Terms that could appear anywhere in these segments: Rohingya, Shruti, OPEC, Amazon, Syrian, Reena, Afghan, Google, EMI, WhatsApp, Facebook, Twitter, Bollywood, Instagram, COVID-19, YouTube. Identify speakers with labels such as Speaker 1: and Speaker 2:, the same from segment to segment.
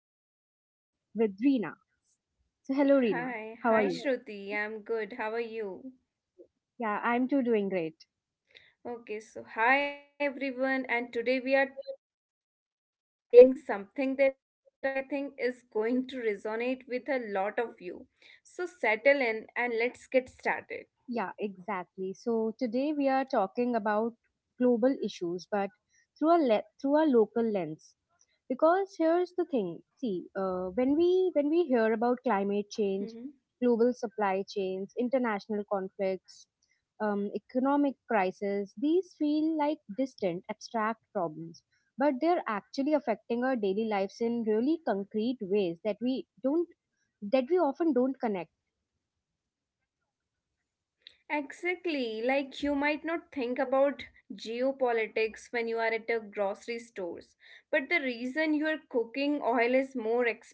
Speaker 1: as always, with Reena. So, hello, Reena.
Speaker 2: Hi,
Speaker 1: How are you? Hi.
Speaker 2: Shruti. I'm good. How are you?
Speaker 1: Yeah, I'm too doing great.
Speaker 2: Okay, so hi everyone, and today we are tackling something that I think is going to resonate with a lot of you. So settle in and let's get started.
Speaker 1: Yeah, exactly. So today we are talking about global issues, but through a local lens. Because here's the thing: see, when we
Speaker 2: Mm-hmm.
Speaker 1: hear about climate change, global supply chains, international conflicts, economic crisis, these feel like distant, abstract problems. But they're actually affecting our daily lives in really concrete ways that we often don't connect.
Speaker 2: Exactly. Like you might not think about geopolitics when you are at a grocery stores, but the reason your cooking oil is more expensive,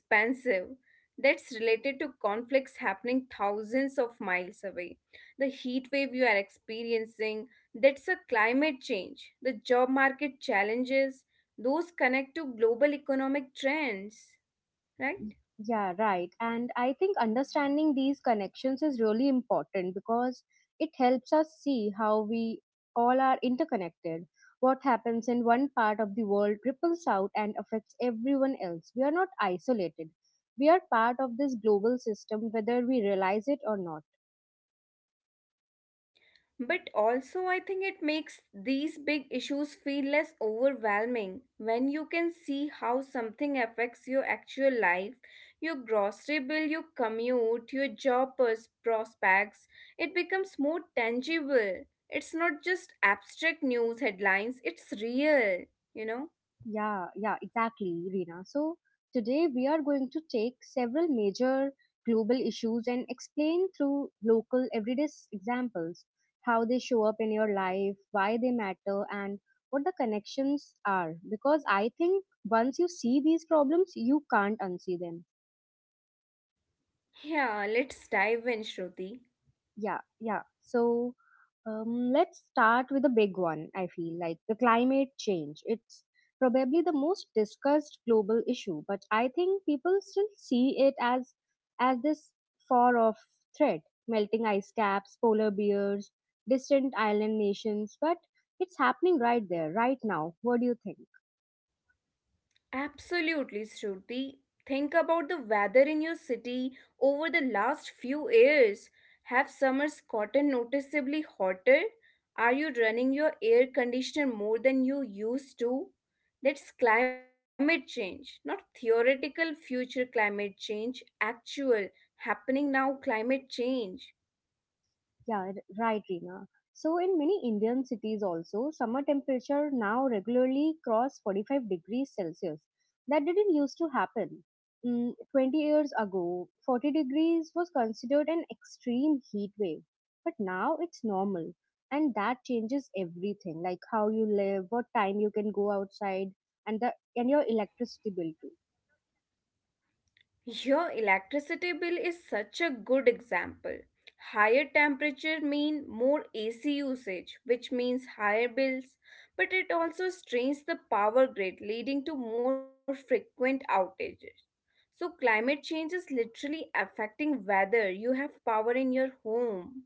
Speaker 2: that's related to conflicts happening thousands of miles away. The heat wave you are experiencing, that's a climate change. The job market challenges, those connect to global economic trends, right?
Speaker 1: Yeah, right. And I think understanding these connections is really important because it helps us see how we all are interconnected. What happens in one part of the world ripples out and affects everyone else. We are not isolated. We are part of this global system whether we realize it or not.
Speaker 2: But also, I think it makes these big issues feel less overwhelming when you can see how something affects your actual life, your grocery bill, your commute, your job prospects. It becomes more tangible. It's not just abstract news headlines, it's real, you know?
Speaker 1: Yeah, yeah, exactly, Rina. So today we are going to take several major global issues and explain through local everyday examples how they show up in your life, why they matter, and what the connections are. Because I think once you see these problems, you can't unsee them.
Speaker 2: Yeah, let's dive in, Shruti.
Speaker 1: Yeah, yeah. So let's start with the big one, I feel like the climate change. It's probably the most discussed global issue, but I think people still see it as this far off threat. Melting ice caps, polar bears, distant island nations, but it's happening right there, right now. What do you think?
Speaker 2: Absolutely, Shruti. Think about the weather in your city over the last few years. Have summers gotten noticeably hotter? Are you running your air conditioner more than you used to? That's climate change, not theoretical future climate change, actual happening now climate change.
Speaker 1: Yeah, r- right, Reena. So, in many Indian cities also, summer temperature now regularly cross 45 degrees Celsius. That didn't used to happen. 20 years ago, 40 degrees was considered an extreme heat wave. But now it's normal. And that changes everything, like how you live, what time you can go outside, and the and your electricity bill too.
Speaker 2: Your electricity bill is such a good example. Higher temperature mean more AC usage, which means higher bills, but it also strains the power grid, leading to more frequent outages. So climate change is literally affecting whether you have power in your home.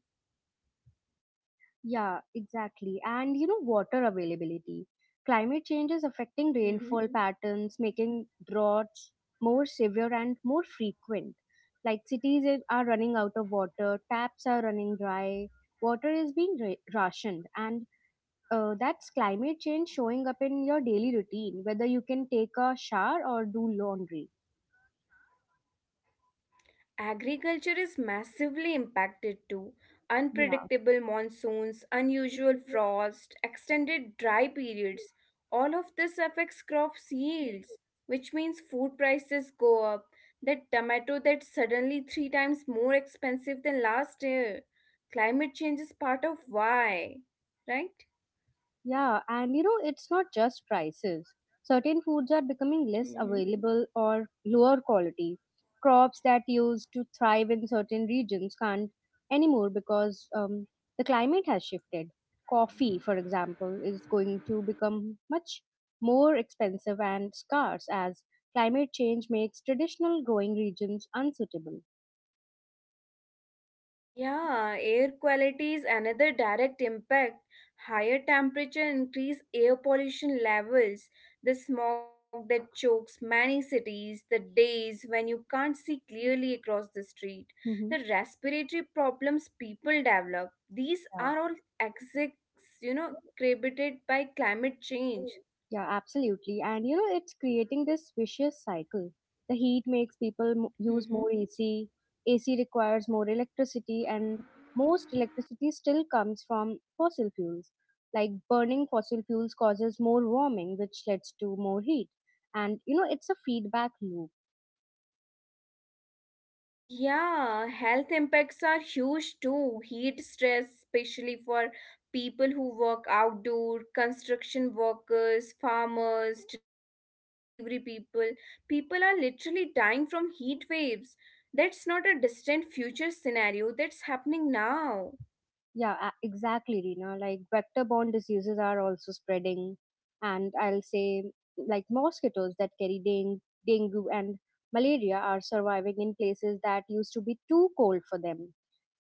Speaker 1: Yeah, exactly. And you know, water availability. Climate change is affecting rainfall
Speaker 2: Mhm.
Speaker 1: patterns, making droughts more severe and more frequent. Like are running out of water, taps are running dry, water is being rationed, and that's climate change showing up in your daily routine, whether you can take a shower or do laundry.
Speaker 2: Agriculture is massively impacted too.
Speaker 1: Yeah.
Speaker 2: Unpredictable monsoons, unusual frost, extended dry periods. All of this affects crops yields, which means food prices go up. That tomato that's suddenly three times more expensive than last year. Climate change is part of why, right?
Speaker 1: Yeah, and you know, it's not just prices. Certain foods are becoming less available or lower quality. Crops that used to thrive in certain regions can't anymore because the climate has shifted. Coffee, for example, is going to become much more expensive and scarce as climate change makes traditional growing regions unsuitable.
Speaker 2: Yeah, air quality is another direct impact. Higher temperature increase air pollution levels, the smog that chokes many cities, the days when you can't see clearly across the street,
Speaker 1: Hmm.
Speaker 2: the respiratory problems people develop. These
Speaker 1: Yeah.
Speaker 2: are all execs, created by climate
Speaker 1: Mm.
Speaker 2: change.
Speaker 1: Yeah, absolutely. And you know, it's creating this vicious cycle. The heat makes people
Speaker 2: Mm-hmm.
Speaker 1: use more AC, AC requires more electricity, and most electricity still comes from fossil fuels. Like burning fossil fuels causes more warming, which leads to more heat. And you know, it's a feedback loop.
Speaker 2: Yeah, health impacts are huge too. Heat stress, especially for people who work outdoor, construction workers, farmers, delivery people. People are literally dying from heat waves. That's not a distant future scenario, that's happening now.
Speaker 1: Exactly, Rina. Like vector-borne diseases are also spreading, and I'll say like mosquitoes that carry dengue and malaria are surviving in places that used to be too cold for them.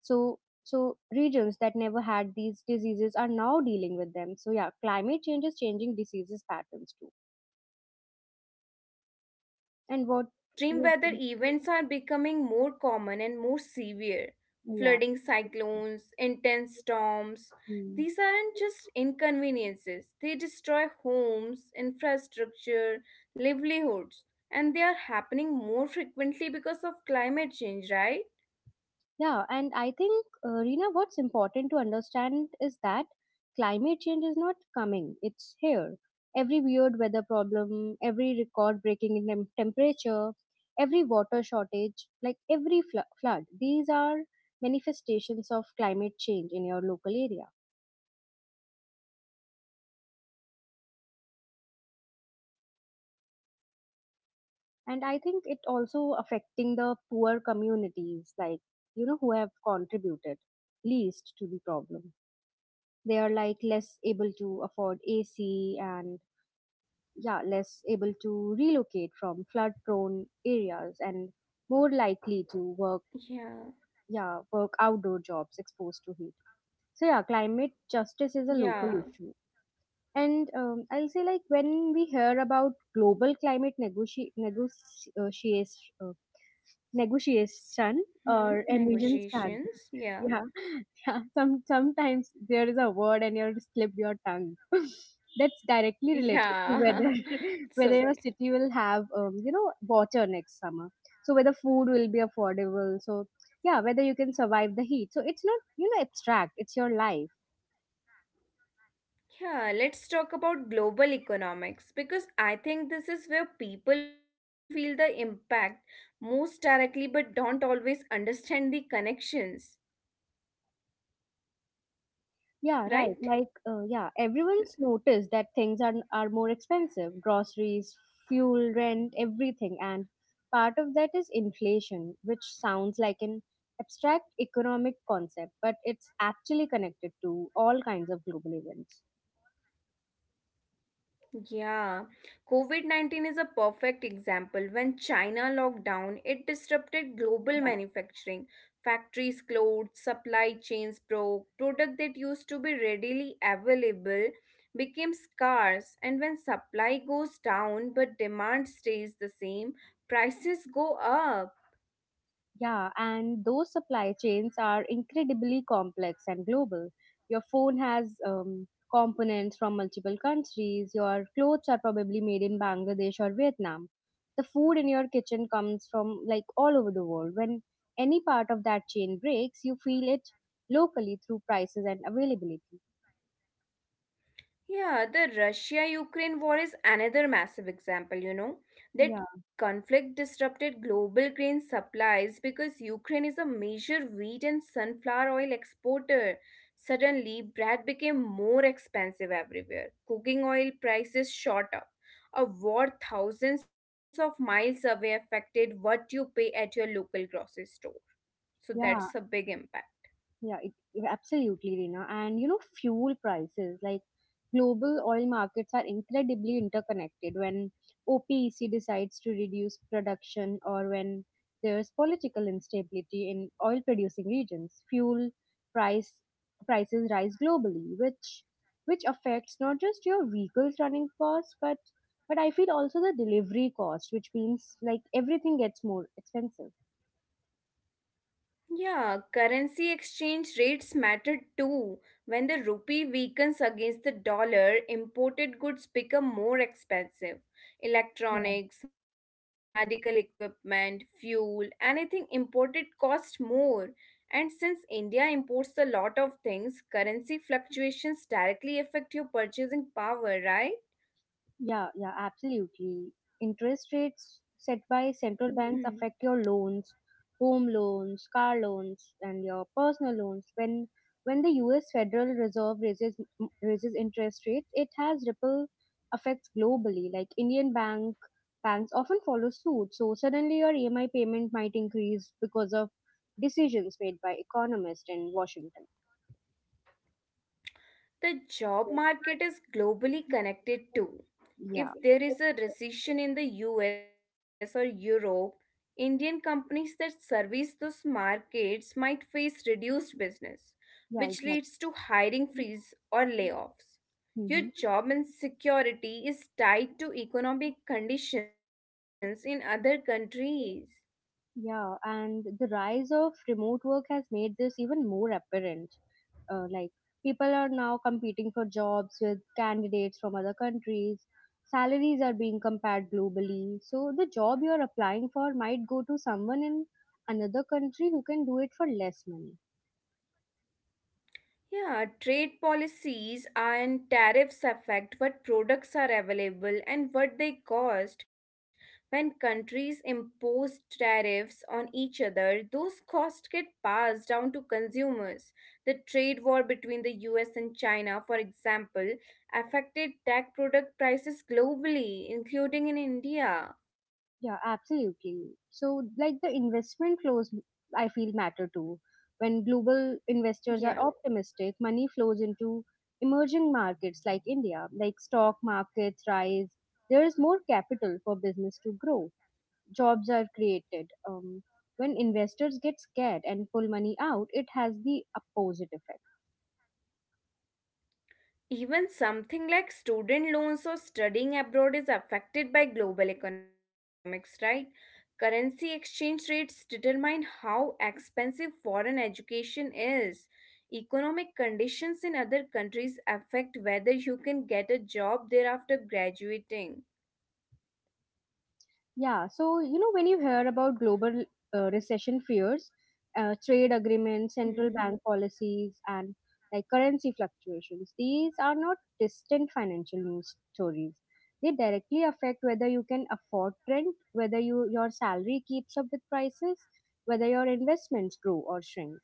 Speaker 1: So regions that never had these diseases are now dealing with them. So, yeah, climate change is changing diseases patterns too.
Speaker 2: Yeah,
Speaker 1: And
Speaker 2: and
Speaker 1: what
Speaker 2: extreme
Speaker 1: you
Speaker 2: weather
Speaker 1: think?
Speaker 2: events are becoming more common and more severe.
Speaker 1: Yeah.
Speaker 2: Flooding cyclones, intense storms.
Speaker 1: Hmm.
Speaker 2: These aren't just inconveniences, they destroy homes, infrastructure, livelihoods, and they are happening more frequently because of climate change, right?
Speaker 1: Yeah, and I think, Rina, what's important to understand is that climate change is not coming, it's here. Every weird weather problem, every record breaking in temperature, every water shortage, like every flood, these are manifestations of climate change in your local area. And I think it also affecting the poor communities, like, you know, who have contributed least to the problem. They are like less able to afford AC and yeah less able to relocate from flood prone areas and more likely to
Speaker 2: Yeah,
Speaker 1: work outdoor jobs exposed to heat so yeah climate justice is a local,
Speaker 2: yeah.
Speaker 1: yeah, issue. And I'll say like when we hear about global negotiation, negotiation
Speaker 2: Hmm,
Speaker 1: or emissions tag.
Speaker 2: negotiations. Yeah,
Speaker 1: Yeah, yeah. Sometimes there is a word and you slip your tongue. That's directly related to
Speaker 2: yeah.
Speaker 1: whether
Speaker 2: It's
Speaker 1: whether your
Speaker 2: okay.
Speaker 1: city will have you know water next summer. So whether food will be affordable. So yeah, whether you can survive the heat. So it's not you know abstract. It's your life.
Speaker 2: Yeah, let's talk about global economics because I think this is where people feel the impact most directly but don't always understand the connections,
Speaker 1: Yeah,
Speaker 2: right?
Speaker 1: right. Like, yeah, everyone's noticed that things are more expensive. Groceries, fuel, rent, everything, and part of that is inflation, which sounds like an abstract economic concept, but it's actually connected to all kinds of global events.
Speaker 2: Yeah, COVID COVID-19 is a perfect example. When China locked down, it disrupted global manufacturing. Factories closed, supply chains broke, product that used to be readily available became scarce. And when supply goes down but demand stays the same, prices go up.
Speaker 1: Yeah, and those supply chains are incredibly complex and global. Your phone has components from multiple countries, your clothes are probably made in Bangladesh or Vietnam. The food in your kitchen comes from like all over the world. When any part of that chain breaks, you feel it locally through prices and availability.
Speaker 2: Yeah, the Russia Ukraine war is another massive example,
Speaker 1: Yeah,
Speaker 2: That conflict disrupted global grain supplies because Ukraine is a major wheat and sunflower oil exporter. Suddenly, bread became more expensive everywhere. Cooking oil prices shot up. A war thousands of miles away affected what you pay at your local grocery store. So
Speaker 1: yeah.
Speaker 2: that's a big impact.
Speaker 1: Yeah, it, Absolutely, Reena. And you know, fuel prices like global oil markets are incredibly interconnected. When OPEC decides to reduce production or when there's political instability in oil producing regions, fuel price prices rise globally, which affects not just your vehicles running costs, but I feel also the delivery cost, which means like everything gets more expensive.
Speaker 2: Yeah, currency exchange rates matter too. When the rupee weakens against the dollar, imported goods become more expensive. Electronics, medical equipment, fuel, anything imported costs more. And since India imports a lot of things, currency fluctuations directly affect your purchasing power, right?
Speaker 1: Yeah, yeah, absolutely. Interest rates set by
Speaker 2: Hmm.
Speaker 1: central banks affect your loans, home loans, car loans, and your personal loans. When the U.S. Federal Reserve raises interest rates, it has ripple effects globally. Like Indian banks often follow suit. So suddenly your EMI payment might increase because of decisions made by economists in Washington.
Speaker 2: The job market is globally connected too.
Speaker 1: Yeah,
Speaker 2: If there is a recession in the US or Europe, Indian companies that service those markets might face reduced business,
Speaker 1: yeah,
Speaker 2: which
Speaker 1: exactly.
Speaker 2: leads to hiring freeze or layoffs.
Speaker 1: Mhm.
Speaker 2: Your job insecurity is tied to economic conditions in other countries.
Speaker 1: Yeah, and the rise of remote work has made this even more apparent. Uh, like, people are now competing for jobs with candidates from other countries. Salaries are being compared globally. So, the job you're applying for might go to someone in another country who can do it for less money.
Speaker 2: Yeah, trade policies and tariffs affect what products are available and what they cost. When countries impose tariffs on each other, those costs get passed down to consumers. The trade war between the US and China, for example, affected tech product prices globally, including in India.
Speaker 1: Yeah, absolutely. So, like the investment flows, I feel matter too. When global investors
Speaker 2: Yeah.
Speaker 1: are optimistic, money flows into emerging markets like India, like stock markets rise. There is more capital for business to grow. Jobs are created. When investors get scared and pull money out, it has the opposite effect.
Speaker 2: Even something like student loans or studying abroad is affected by global economics, right? Currency exchange rates determine how expensive foreign education is. Economic conditions in other countries affect whether you can get a job there after graduating.
Speaker 1: Yeah, so you know, when you hear about global recession fears, trade agreements, central bank policies, and like currency fluctuations, these are not distant financial news stories. They directly affect whether you can afford rent, whether your salary keeps up with prices, whether your investments grow or shrink.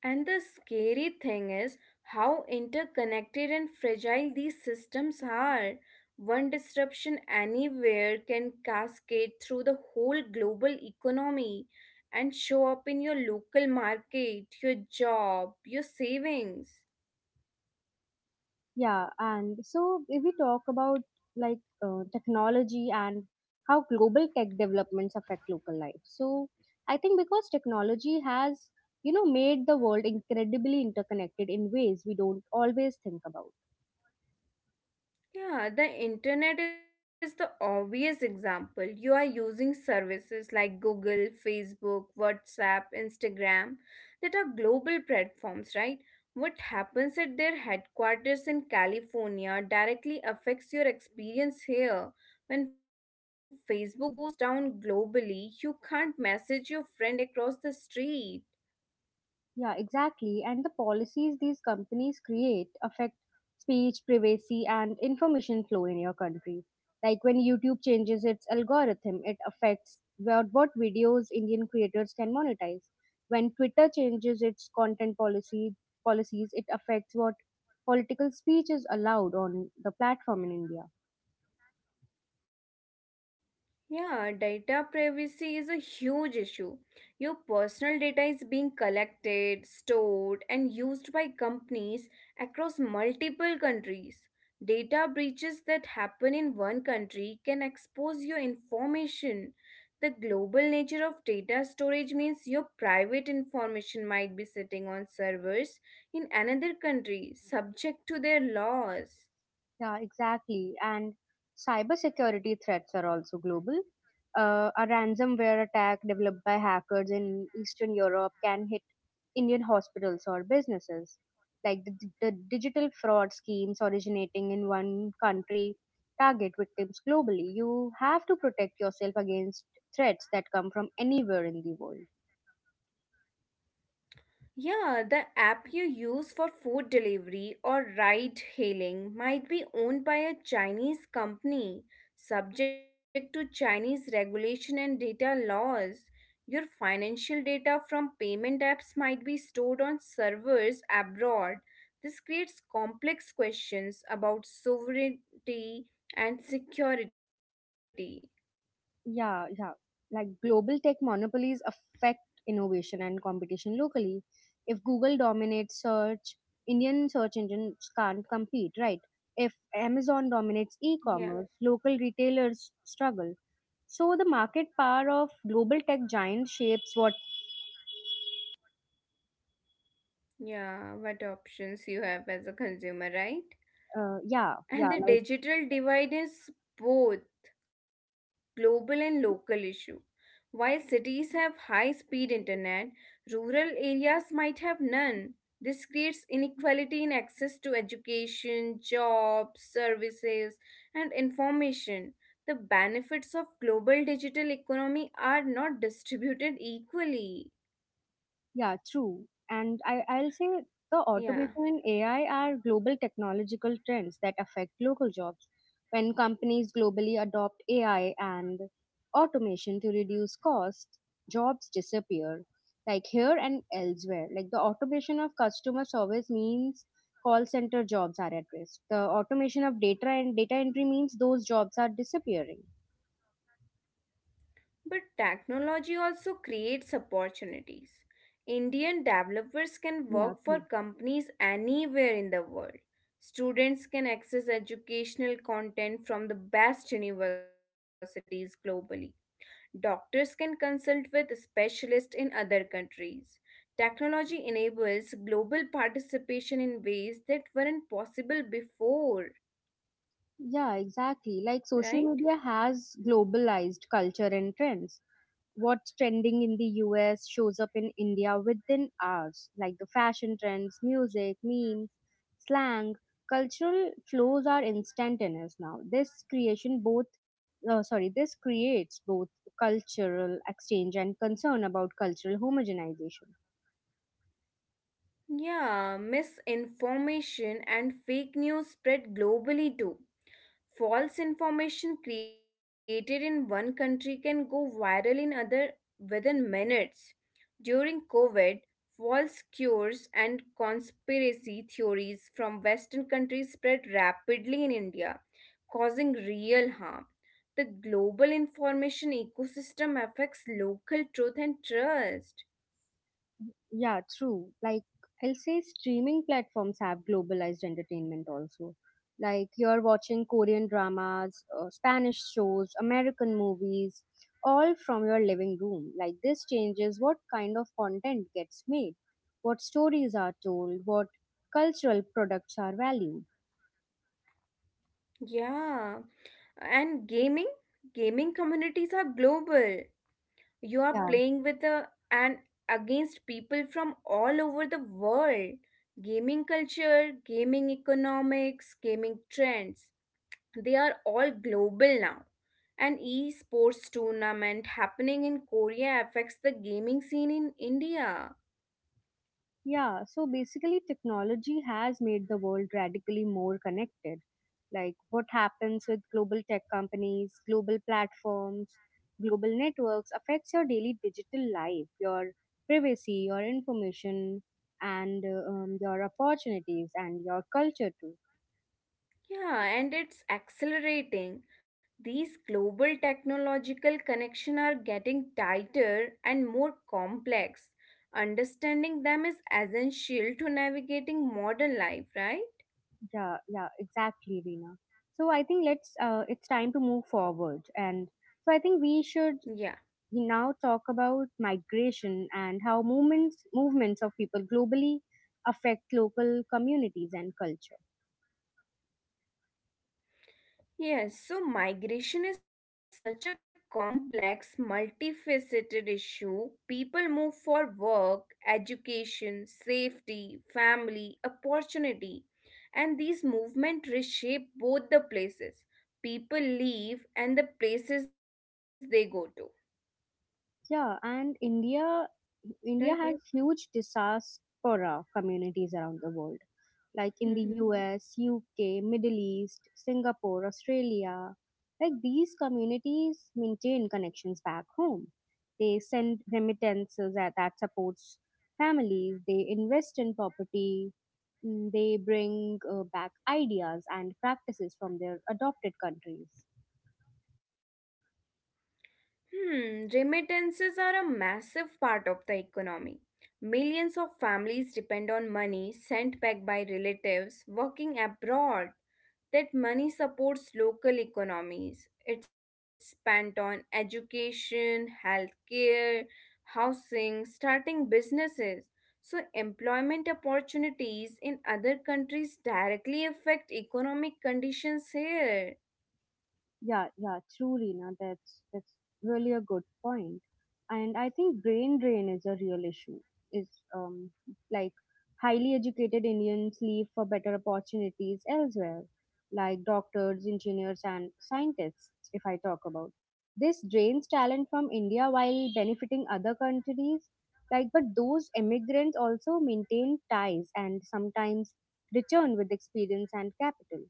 Speaker 2: And the scary thing is how interconnected and fragile these systems are. One disruption anywhere can cascade through the whole global economy and show up in your local market, your job, your savings.
Speaker 1: Yeah, and so if we talk about like technology and how global tech developments affect local life. So I think because technology has, you know, made the world incredibly interconnected in ways we don't always think about.
Speaker 2: Yeah, the internet is the obvious example. You are using services like Google, Facebook, WhatsApp, Instagram that are global platforms, right? What happens at their headquarters in California directly affects your experience here. When Facebook goes down globally, you can't message your friend across the street.
Speaker 1: Yeah, exactly. And the policies these companies create affect speech, privacy, and information flow in your country. Like when YouTube changes its algorithm, it affects what videos Indian creators can monetize. When Twitter changes its content policy policies, it affects what political speech is allowed on the platform in India.
Speaker 2: Yeah, data privacy is a huge issue. Your personal data is being collected, stored, and used by companies across multiple countries. Data breaches that happen in one country can expose your information. The global nature of data storage means your private information might be sitting on servers in another country, subject to their laws.
Speaker 1: Yeah, exactly. And cybersecurity threats are also global. A ransomware attack developed by hackers in Eastern Europe can hit Indian hospitals or businesses. Like the digital fraud schemes originating in one country target victims globally. You have to protect yourself against threats that come from anywhere in the world.
Speaker 2: Yeah, the app you use for food delivery or ride hailing might be owned by a Chinese company, subject to Chinese regulation and data laws. Your financial data from payment apps might be stored on servers abroad. This creates complex questions about sovereignty and security.
Speaker 1: Yeah, yeah. Like global tech monopolies affect innovation and competition locally. If Google dominates search, Indian search engines can't compete, right? If Amazon dominates e
Speaker 2: Yeah,
Speaker 1: commerce, local retailers struggle. So the market power of global tech giants shapes what,
Speaker 2: yeah, what options you have as a consumer, right?
Speaker 1: uh, Yeah,
Speaker 2: And
Speaker 1: yeah,
Speaker 2: the
Speaker 1: like.
Speaker 2: digital divide is both global and local issue. While cities have high speed internet, rural areas might have none. This creates inequality in access to education, jobs, services, and information. The benefits of global digital economy are not distributed equally.
Speaker 1: Yeah, true. And I'll say the automation
Speaker 2: Yeah.
Speaker 1: and AI are global technological trends that affect local jobs. When companies globally adopt AI and automation to reduce costs, jobs disappear, like here and elsewhere. Like the automation of customer service means call center jobs are at risk. The automation of data entry means those jobs are disappearing.
Speaker 2: But technology also creates opportunities. Indian developers can
Speaker 1: Yeah,
Speaker 2: work for
Speaker 1: true.
Speaker 2: companies anywhere in the world. Students can access educational content from the best universities globally. Doctors can consult with specialists in other countries. Technology enables global participation in ways that weren't possible before,
Speaker 1: Yeah, exactly. Like social
Speaker 2: right?
Speaker 1: media has globalized culture and trends. What's trending in the US shows up in India within hours, like the fashion trends, music, memes, slang, cultural flows are instantaneous now. This creates both cultural exchange and concern about cultural homogenization.
Speaker 2: Yeah, misinformation and fake news spread globally too. False information created in one country can go viral in other within minutes. During COVID, false cures and conspiracy theories from western countries spread rapidly in India, causing real harm. The global information ecosystem affects local truth and trust.
Speaker 1: Yeah, true. Like, I'll say streaming platforms have globalized entertainment also. Like, you're watching Korean dramas, Spanish shows, American movies, all from your living room. Like, this changes what kind of content gets made, what stories are told, what cultural products are valued.
Speaker 2: Yeah, and gaming communities are global, you are
Speaker 1: Yeah.
Speaker 2: playing with a, and against people from all over the world. Gaming culture, gaming economics, gaming trends, they are all global now. An esports tournament happening in Korea affects the gaming scene in India.
Speaker 1: Yeah, so basically, technology has made the world radically more connected. Like what happens with global tech companies, global platforms, global networks affects your daily digital life, your privacy, your information, and your opportunities and your culture too.
Speaker 2: Yeah, and it's accelerating. These global technological connections are getting tighter and more complex. Understanding them is essential to navigating modern life, right?
Speaker 1: Yeah, yeah, exactly, Reena. So I think let's it's time to move forward, and so I think we
Speaker 2: Yeah.
Speaker 1: should we now talk about migration and how movements of people globally affect local communities and culture.
Speaker 2: Yes, so migration is such a complex, multifaceted issue. People move for work, education, safety, family, opportunity, and these movements reshape both the places people leave and the places they go to,
Speaker 1: Yeah, and India
Speaker 2: right?
Speaker 1: has huge diaspora communities around the world, like in the
Speaker 2: Hmm.
Speaker 1: US, UK, Middle East, Singapore, Australia. Like these communities maintain connections back home. They send remittances that supports families. They invest in property. They bring back ideas and practices from their adopted countries.
Speaker 2: Hmm, remittances are a massive part of the economy. Millions of families depend on money sent back by relatives working abroad. That money supports local economies. It's spent on education, healthcare, housing, starting businesses. So, employment opportunities in other countries directly affect economic conditions here.
Speaker 1: Yeah, yeah, truly. Now that's really a good point. And I think brain drain is a real issue. Is um like Highly educated Indians leave for better opportunities elsewhere, like doctors, engineers, and scientists. If I talk about this, drains talent from India while benefiting other countries. Like, but those immigrants also maintain ties and sometimes return with experience and capital.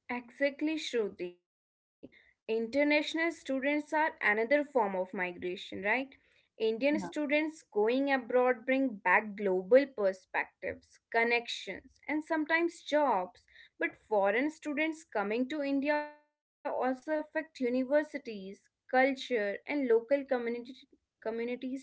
Speaker 2: Exactly, Shruti. International students are another form of migration, right? Indian students going abroad bring back global perspectives, connections, and sometimes jobs. But foreign students coming to India also affect universities, culture, and local communities too.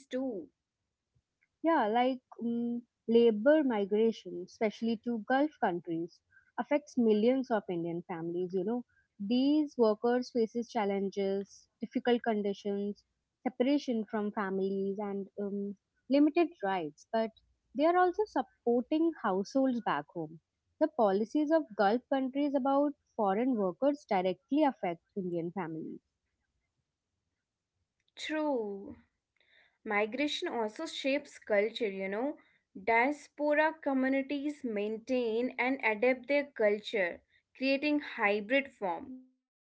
Speaker 1: Yeah, like labor migration, especially to Gulf countries, affects millions of Indian families. You know, these workers faces challenges, difficult conditions, separation from families, and limited rights. But they are also supporting households back home. The policies of Gulf countries about foreign workers directly affect Indian families.
Speaker 2: True. Migration also shapes culture, you know. Diaspora communities maintain and adapt their culture, creating hybrid forms.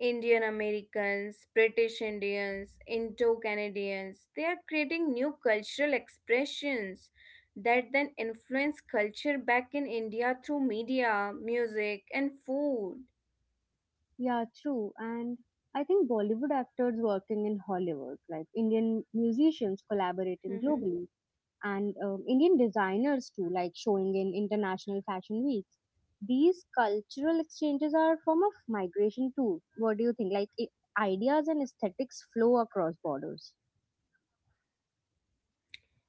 Speaker 2: Indian Americans, British Indians, Indo Canadians, they are creating new cultural expressions that then influence culture back in India through media, music, and food.
Speaker 1: Yeah, true. And I think Bollywood actors working in Hollywood, like Indian musicians collaborating globally, and Indian designers too, like showing in international fashion weeks. These cultural exchanges are a form of migration too. What do you think? Like ideas and aesthetics flow across borders.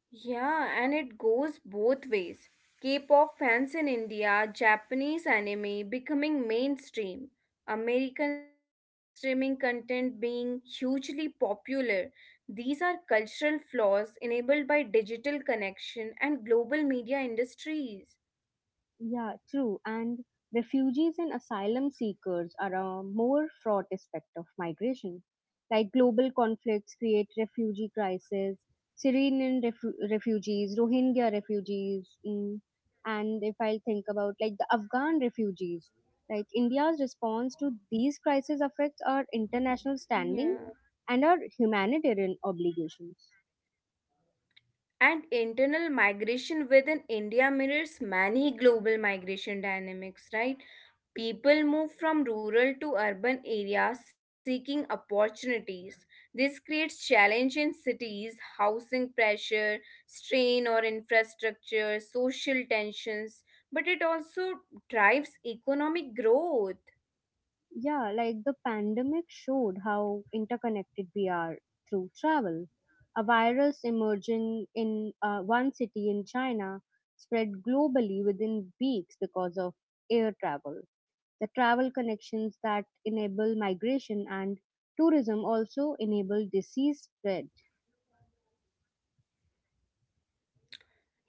Speaker 2: Yeah, and it goes both ways. K pop fans in India, Japanese anime becoming mainstream, American streaming content being hugely popular. These are cultural flaws enabled by digital connection and global media industries.
Speaker 1: Yeah, true. And refugees and asylum seekers are a more fraught aspect of migration. Like global conflicts create refugee crises, Syrian refugees, Rohingya refugees, and if I'll think about like the Afghan refugees, like India's response to these crises affects our international
Speaker 2: Yeah.
Speaker 1: standing and our humanitarian obligations.
Speaker 2: And internal migration within India mirrors many global migration dynamics, right? People move from rural to urban areas seeking opportunities. This creates challenge in cities, housing pressure, strain or infrastructure, social tensions, but it also drives economic growth.
Speaker 1: Yeah, like the pandemic showed how interconnected we are through travel. A virus emerging in one city in China spread globally within weeks because of air travel. The travel connections that enable migration and tourism also enable disease spread.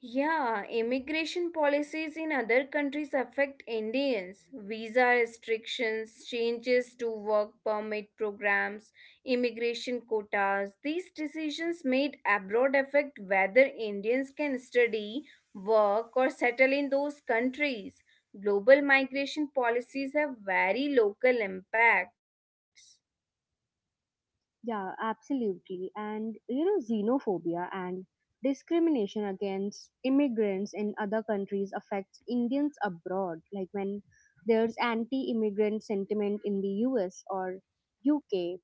Speaker 2: Yeah, immigration policies in other countries affect Indians. Visa restrictions, changes to work permit programs, immigration quotas. These decisions made abroad affect whether Indians can study, work, or settle in those countries. Global migration policies have very local impacts.
Speaker 1: Yeah, absolutely. And you know, xenophobia and discrimination against immigrants in other countries affects Indians abroad. Like when there's anti immigrant sentiment in the US or UK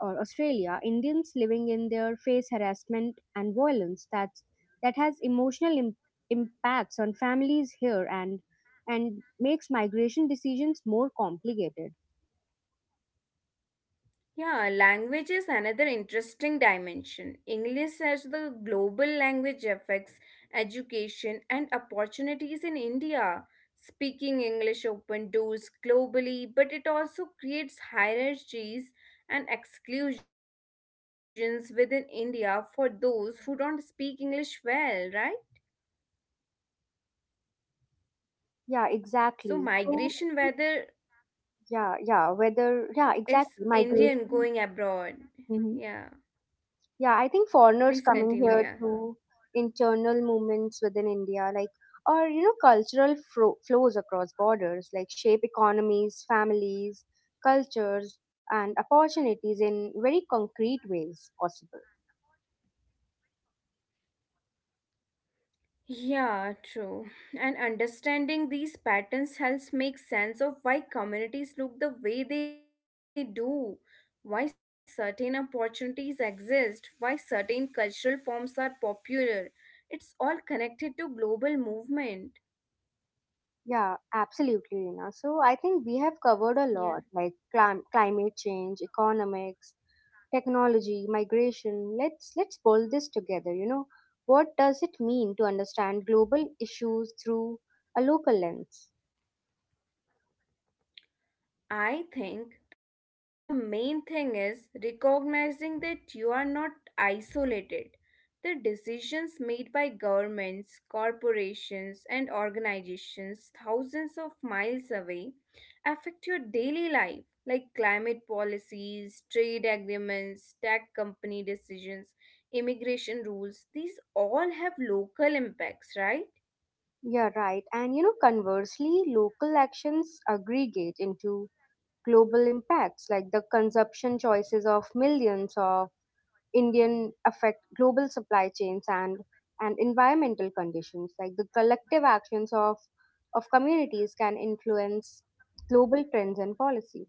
Speaker 1: or Australia, Indians living in there face harassment and violence that has emotional impacts on families here and makes migration decisions more complicated.
Speaker 2: Yeah, language is another interesting dimension. English as the global language affects education and opportunities in India. Speaking English open doors globally, but it also creates hierarchies and exclusions within India for those who don't speak English well, right?
Speaker 1: Yeah,
Speaker 2: So
Speaker 1: exactly.
Speaker 2: migration
Speaker 1: So
Speaker 2: whether
Speaker 1: yeah, yeah, whether, yeah,
Speaker 2: it's
Speaker 1: exactly,
Speaker 2: Indian going
Speaker 1: migration.
Speaker 2: abroad.
Speaker 1: Hmm
Speaker 2: Yeah.
Speaker 1: Yeah, I think foreigners
Speaker 2: Please
Speaker 1: coming
Speaker 2: continue,
Speaker 1: here
Speaker 2: yeah.
Speaker 1: to internal movements within India, like, or, you know, cultural flows across borders, like shape economies, families, cultures, and opportunities in very concrete ways possible.
Speaker 2: Yeah, true. And understanding these patterns helps make sense of why communities look the way they do, why certain opportunities exist, why certain cultural forms are popular. It's all connected to global movement.
Speaker 1: Yeah, absolutely, Reena. So I think we have covered a
Speaker 2: Yeah.
Speaker 1: lot, like climate change, economics, technology migration. Let's pull this together. You know, what does it mean to understand global issues through a local lens?
Speaker 2: I think the main thing is recognizing that you are not isolated. The decisions made by governments, corporations, and organizations thousands of miles away affect your daily life, like climate policies, trade agreements, tech company decisions, immigration rules. These all have local impacts, right?
Speaker 1: Yeah, right. And you know, conversely local actions aggregate into global impacts, like the consumption choices of millions of indian affect global supply chains and environmental conditions, like the collective actions of communities can influence global trends and policies.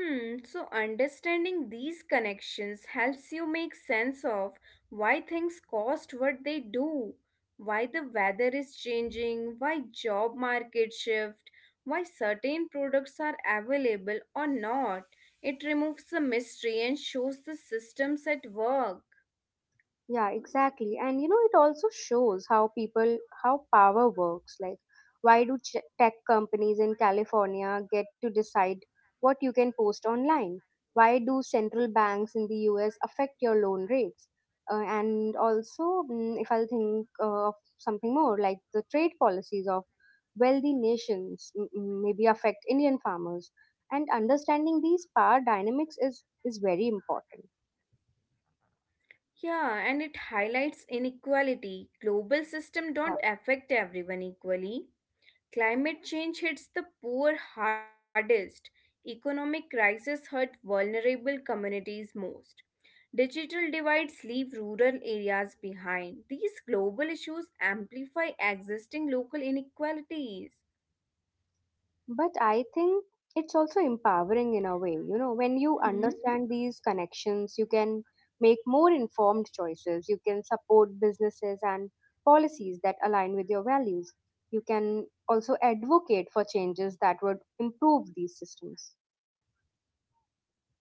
Speaker 2: Hmm, so understanding these connections helps you make sense of why things cost what they do, why the weather is changing, why job market shift, why certain products are available or not. It removes the mystery and shows the systems at work.
Speaker 1: Yeah, exactly. And you know, it also shows how people, how power works. Like, why do tech companies in California get to decide what you can post online? Why do central banks in the US affect your loan rates? And also, if I'll think of something more, like the trade policies of wealthy nations maybe affect Indian farmers. And understanding these power dynamics is very important.
Speaker 2: Yeah, and it highlights inequality. Global system don't affect everyone equally. Climate change hits the poor hardest. Economic crises hurt vulnerable communities most. Digital divides leave rural areas behind. These global issues amplify existing local inequalities.
Speaker 1: But I think it's also empowering in a way. You
Speaker 2: Hmm.
Speaker 1: know, when you understand these connections, you can make more informed choices. You can support businesses and policies that align with your values. You can also advocate for changes that would improve these systems.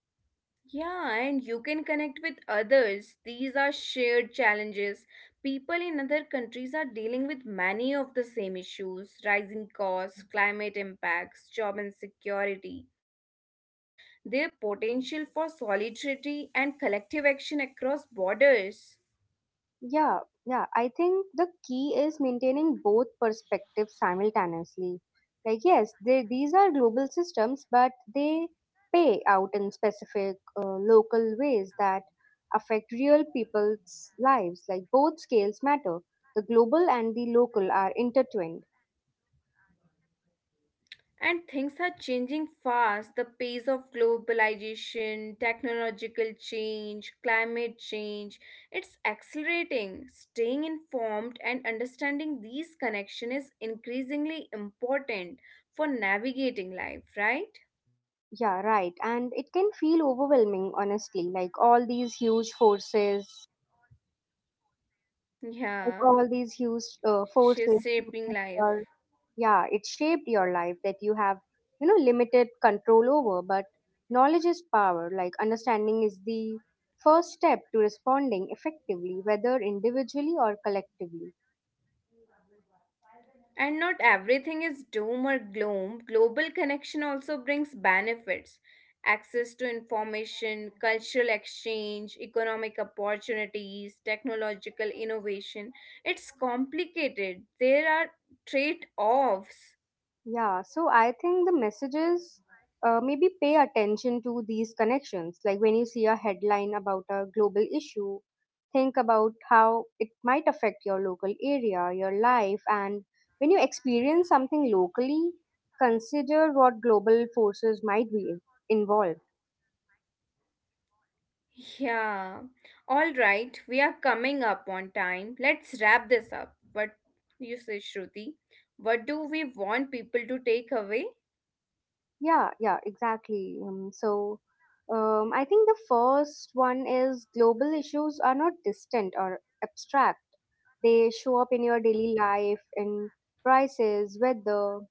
Speaker 2: Yeah, and you can connect with others. These are shared challenges. People in other countries are dealing with many of the same issues rising costs, climate impacts, job insecurity. Their potential for solidarity and collective action across borders.
Speaker 1: Yeah, yeah. I think the key is maintaining both perspectives simultaneously. Like, yes, these are global systems, but they pay out in specific local ways that affect real people's lives. Like, both scales matter. The global and the local are intertwined.
Speaker 2: And things are changing fast. The pace of globalization, technological change, climate change, it's accelerating. Staying informed and understanding these connections is increasingly important for navigating life, right?
Speaker 1: Yeah, right. And it can feel overwhelming, honestly. Like, all these huge forces, like,
Speaker 2: Yeah,
Speaker 1: all these huge uh,
Speaker 2: she's
Speaker 1: forces
Speaker 2: shaping
Speaker 1: shaping
Speaker 2: life.
Speaker 1: your yeah it shaped your life that you have, you know, limited control over. But knowledge is power. Like understanding is the first step to responding effectively, whether individually or collectively.
Speaker 2: And not everything is doom or gloom. Global connection also brings benefits access to information, cultural exchange, economic opportunities, technological innovation. It's complicated, there are trade offs.
Speaker 1: Yeah, so I think the messages, maybe pay attention to these connections. Like when you see a headline about a global issue, think about how it might affect your local area, your life, and when you experience something locally, consider what global forces might be involved.
Speaker 2: Yeah. All right, we are coming up on time. Let's wrap this up. But you say, Shruti, what do we want people to take away?
Speaker 1: Yeah, yeah, exactly. I think the first one is global issues are not distant or abstract. They show up in your daily life, in prices, weather,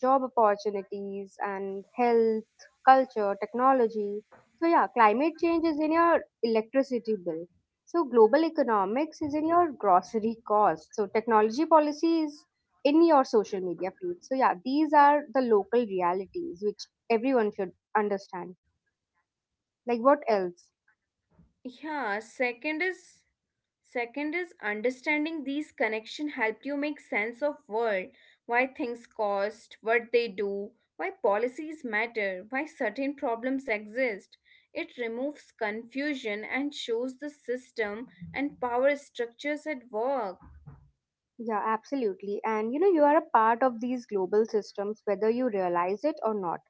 Speaker 1: job opportunities and health, culture, technology. So yeah, climate change is in your electricity bill. So global economics is in your grocery cost. So technology policy is in your social media feed. So yeah, these are the local realities which everyone should understand. Like what else?
Speaker 2: Yeah, second is Second is understanding these connection helped you make sense of world, why things cost, what they do, why policies matter, why certain problems exist. It removes confusion and shows the system and power structures at work.
Speaker 1: Yeah, absolutely. And you know, you are a part of these global systems whether you realize it or not.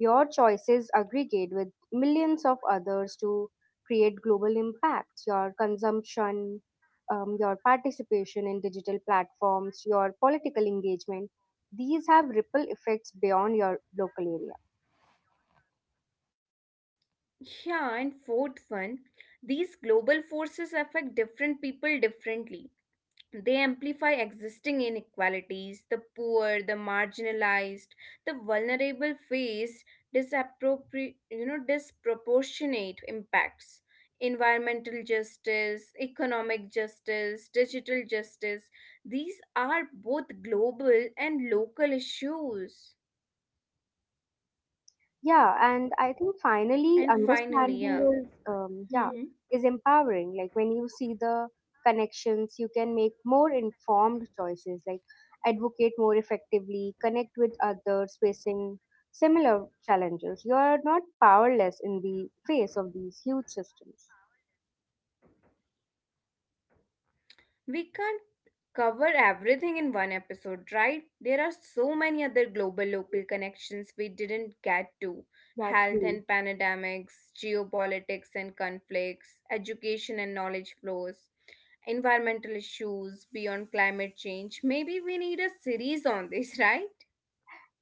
Speaker 1: Your choices aggregate with millions of others to create global impacts. Your consumption, your participation in digital platforms, your political engagement, these have ripple effects beyond your local area.
Speaker 2: Yeah, and fourth one, these global forces affect different people differently. They amplify existing inequalities. The poor, the marginalized, the vulnerable face disproportionate impacts. Environmental justice, economic justice, digital justice, these are both global and local issues.
Speaker 1: Yeah, and I think finally
Speaker 2: And finally,
Speaker 1: understanding
Speaker 2: yeah.
Speaker 1: is yeah,
Speaker 2: Hmm.
Speaker 1: is empowering. Like when you see the connections, you can make more informed choices, like advocate more effectively, connect with others facing similar challenges. You are not powerless in the face of these huge systems.
Speaker 2: We can't cover everything in one episode, right? There are so many other global local connections we didn't get to
Speaker 1: Yeah,
Speaker 2: health
Speaker 1: true.
Speaker 2: and pandemics, geopolitics and conflicts, education and knowledge flows, environmental issues beyond climate change. Maybe we need a series on this, right?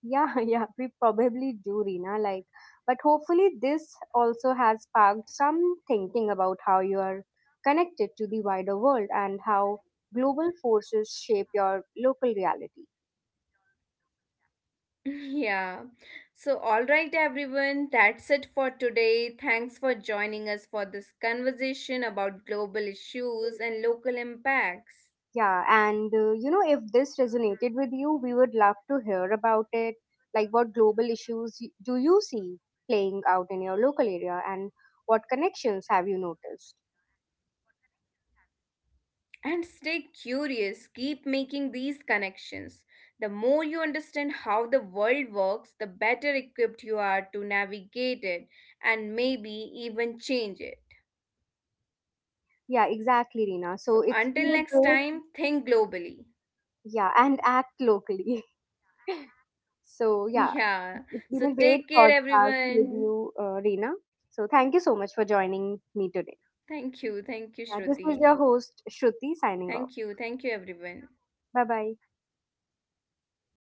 Speaker 1: Yeah, yeah, we probably do, Rina. Like, but hopefully, this also has sparked some thinking about how you are connected to the wider world and how global forces shape your local reality.
Speaker 2: Yeah. So, all right, everyone, that's it for today. Thanks for joining us for this conversation about global issues and local impacts.
Speaker 1: Yeah, and you know, if this resonated with you, we would love to hear about it. Like, what global issues do you see playing out in your local area, and what connections have you noticed?
Speaker 2: And stay curious, keep making these connections. The more you understand how the world works, the better equipped you are to navigate it and maybe even change it.
Speaker 1: Yeah, exactly, Rina.
Speaker 2: So,
Speaker 1: So it's been
Speaker 2: until
Speaker 1: a
Speaker 2: next
Speaker 1: great,
Speaker 2: time, think globally.
Speaker 1: yeah, and act locally. So, yeah,
Speaker 2: Yeah,
Speaker 1: it's been
Speaker 2: so
Speaker 1: a great
Speaker 2: take care,
Speaker 1: podcast with
Speaker 2: everyone.
Speaker 1: you, Reena. So, thank you so much for joining me
Speaker 2: Thank
Speaker 1: today.
Speaker 2: you, Shruti.
Speaker 1: Yeah, this is your host, Shruti,
Speaker 2: Thank
Speaker 1: signing
Speaker 2: you,
Speaker 1: off.
Speaker 2: everyone.
Speaker 1: Bye bye.
Speaker 2: And this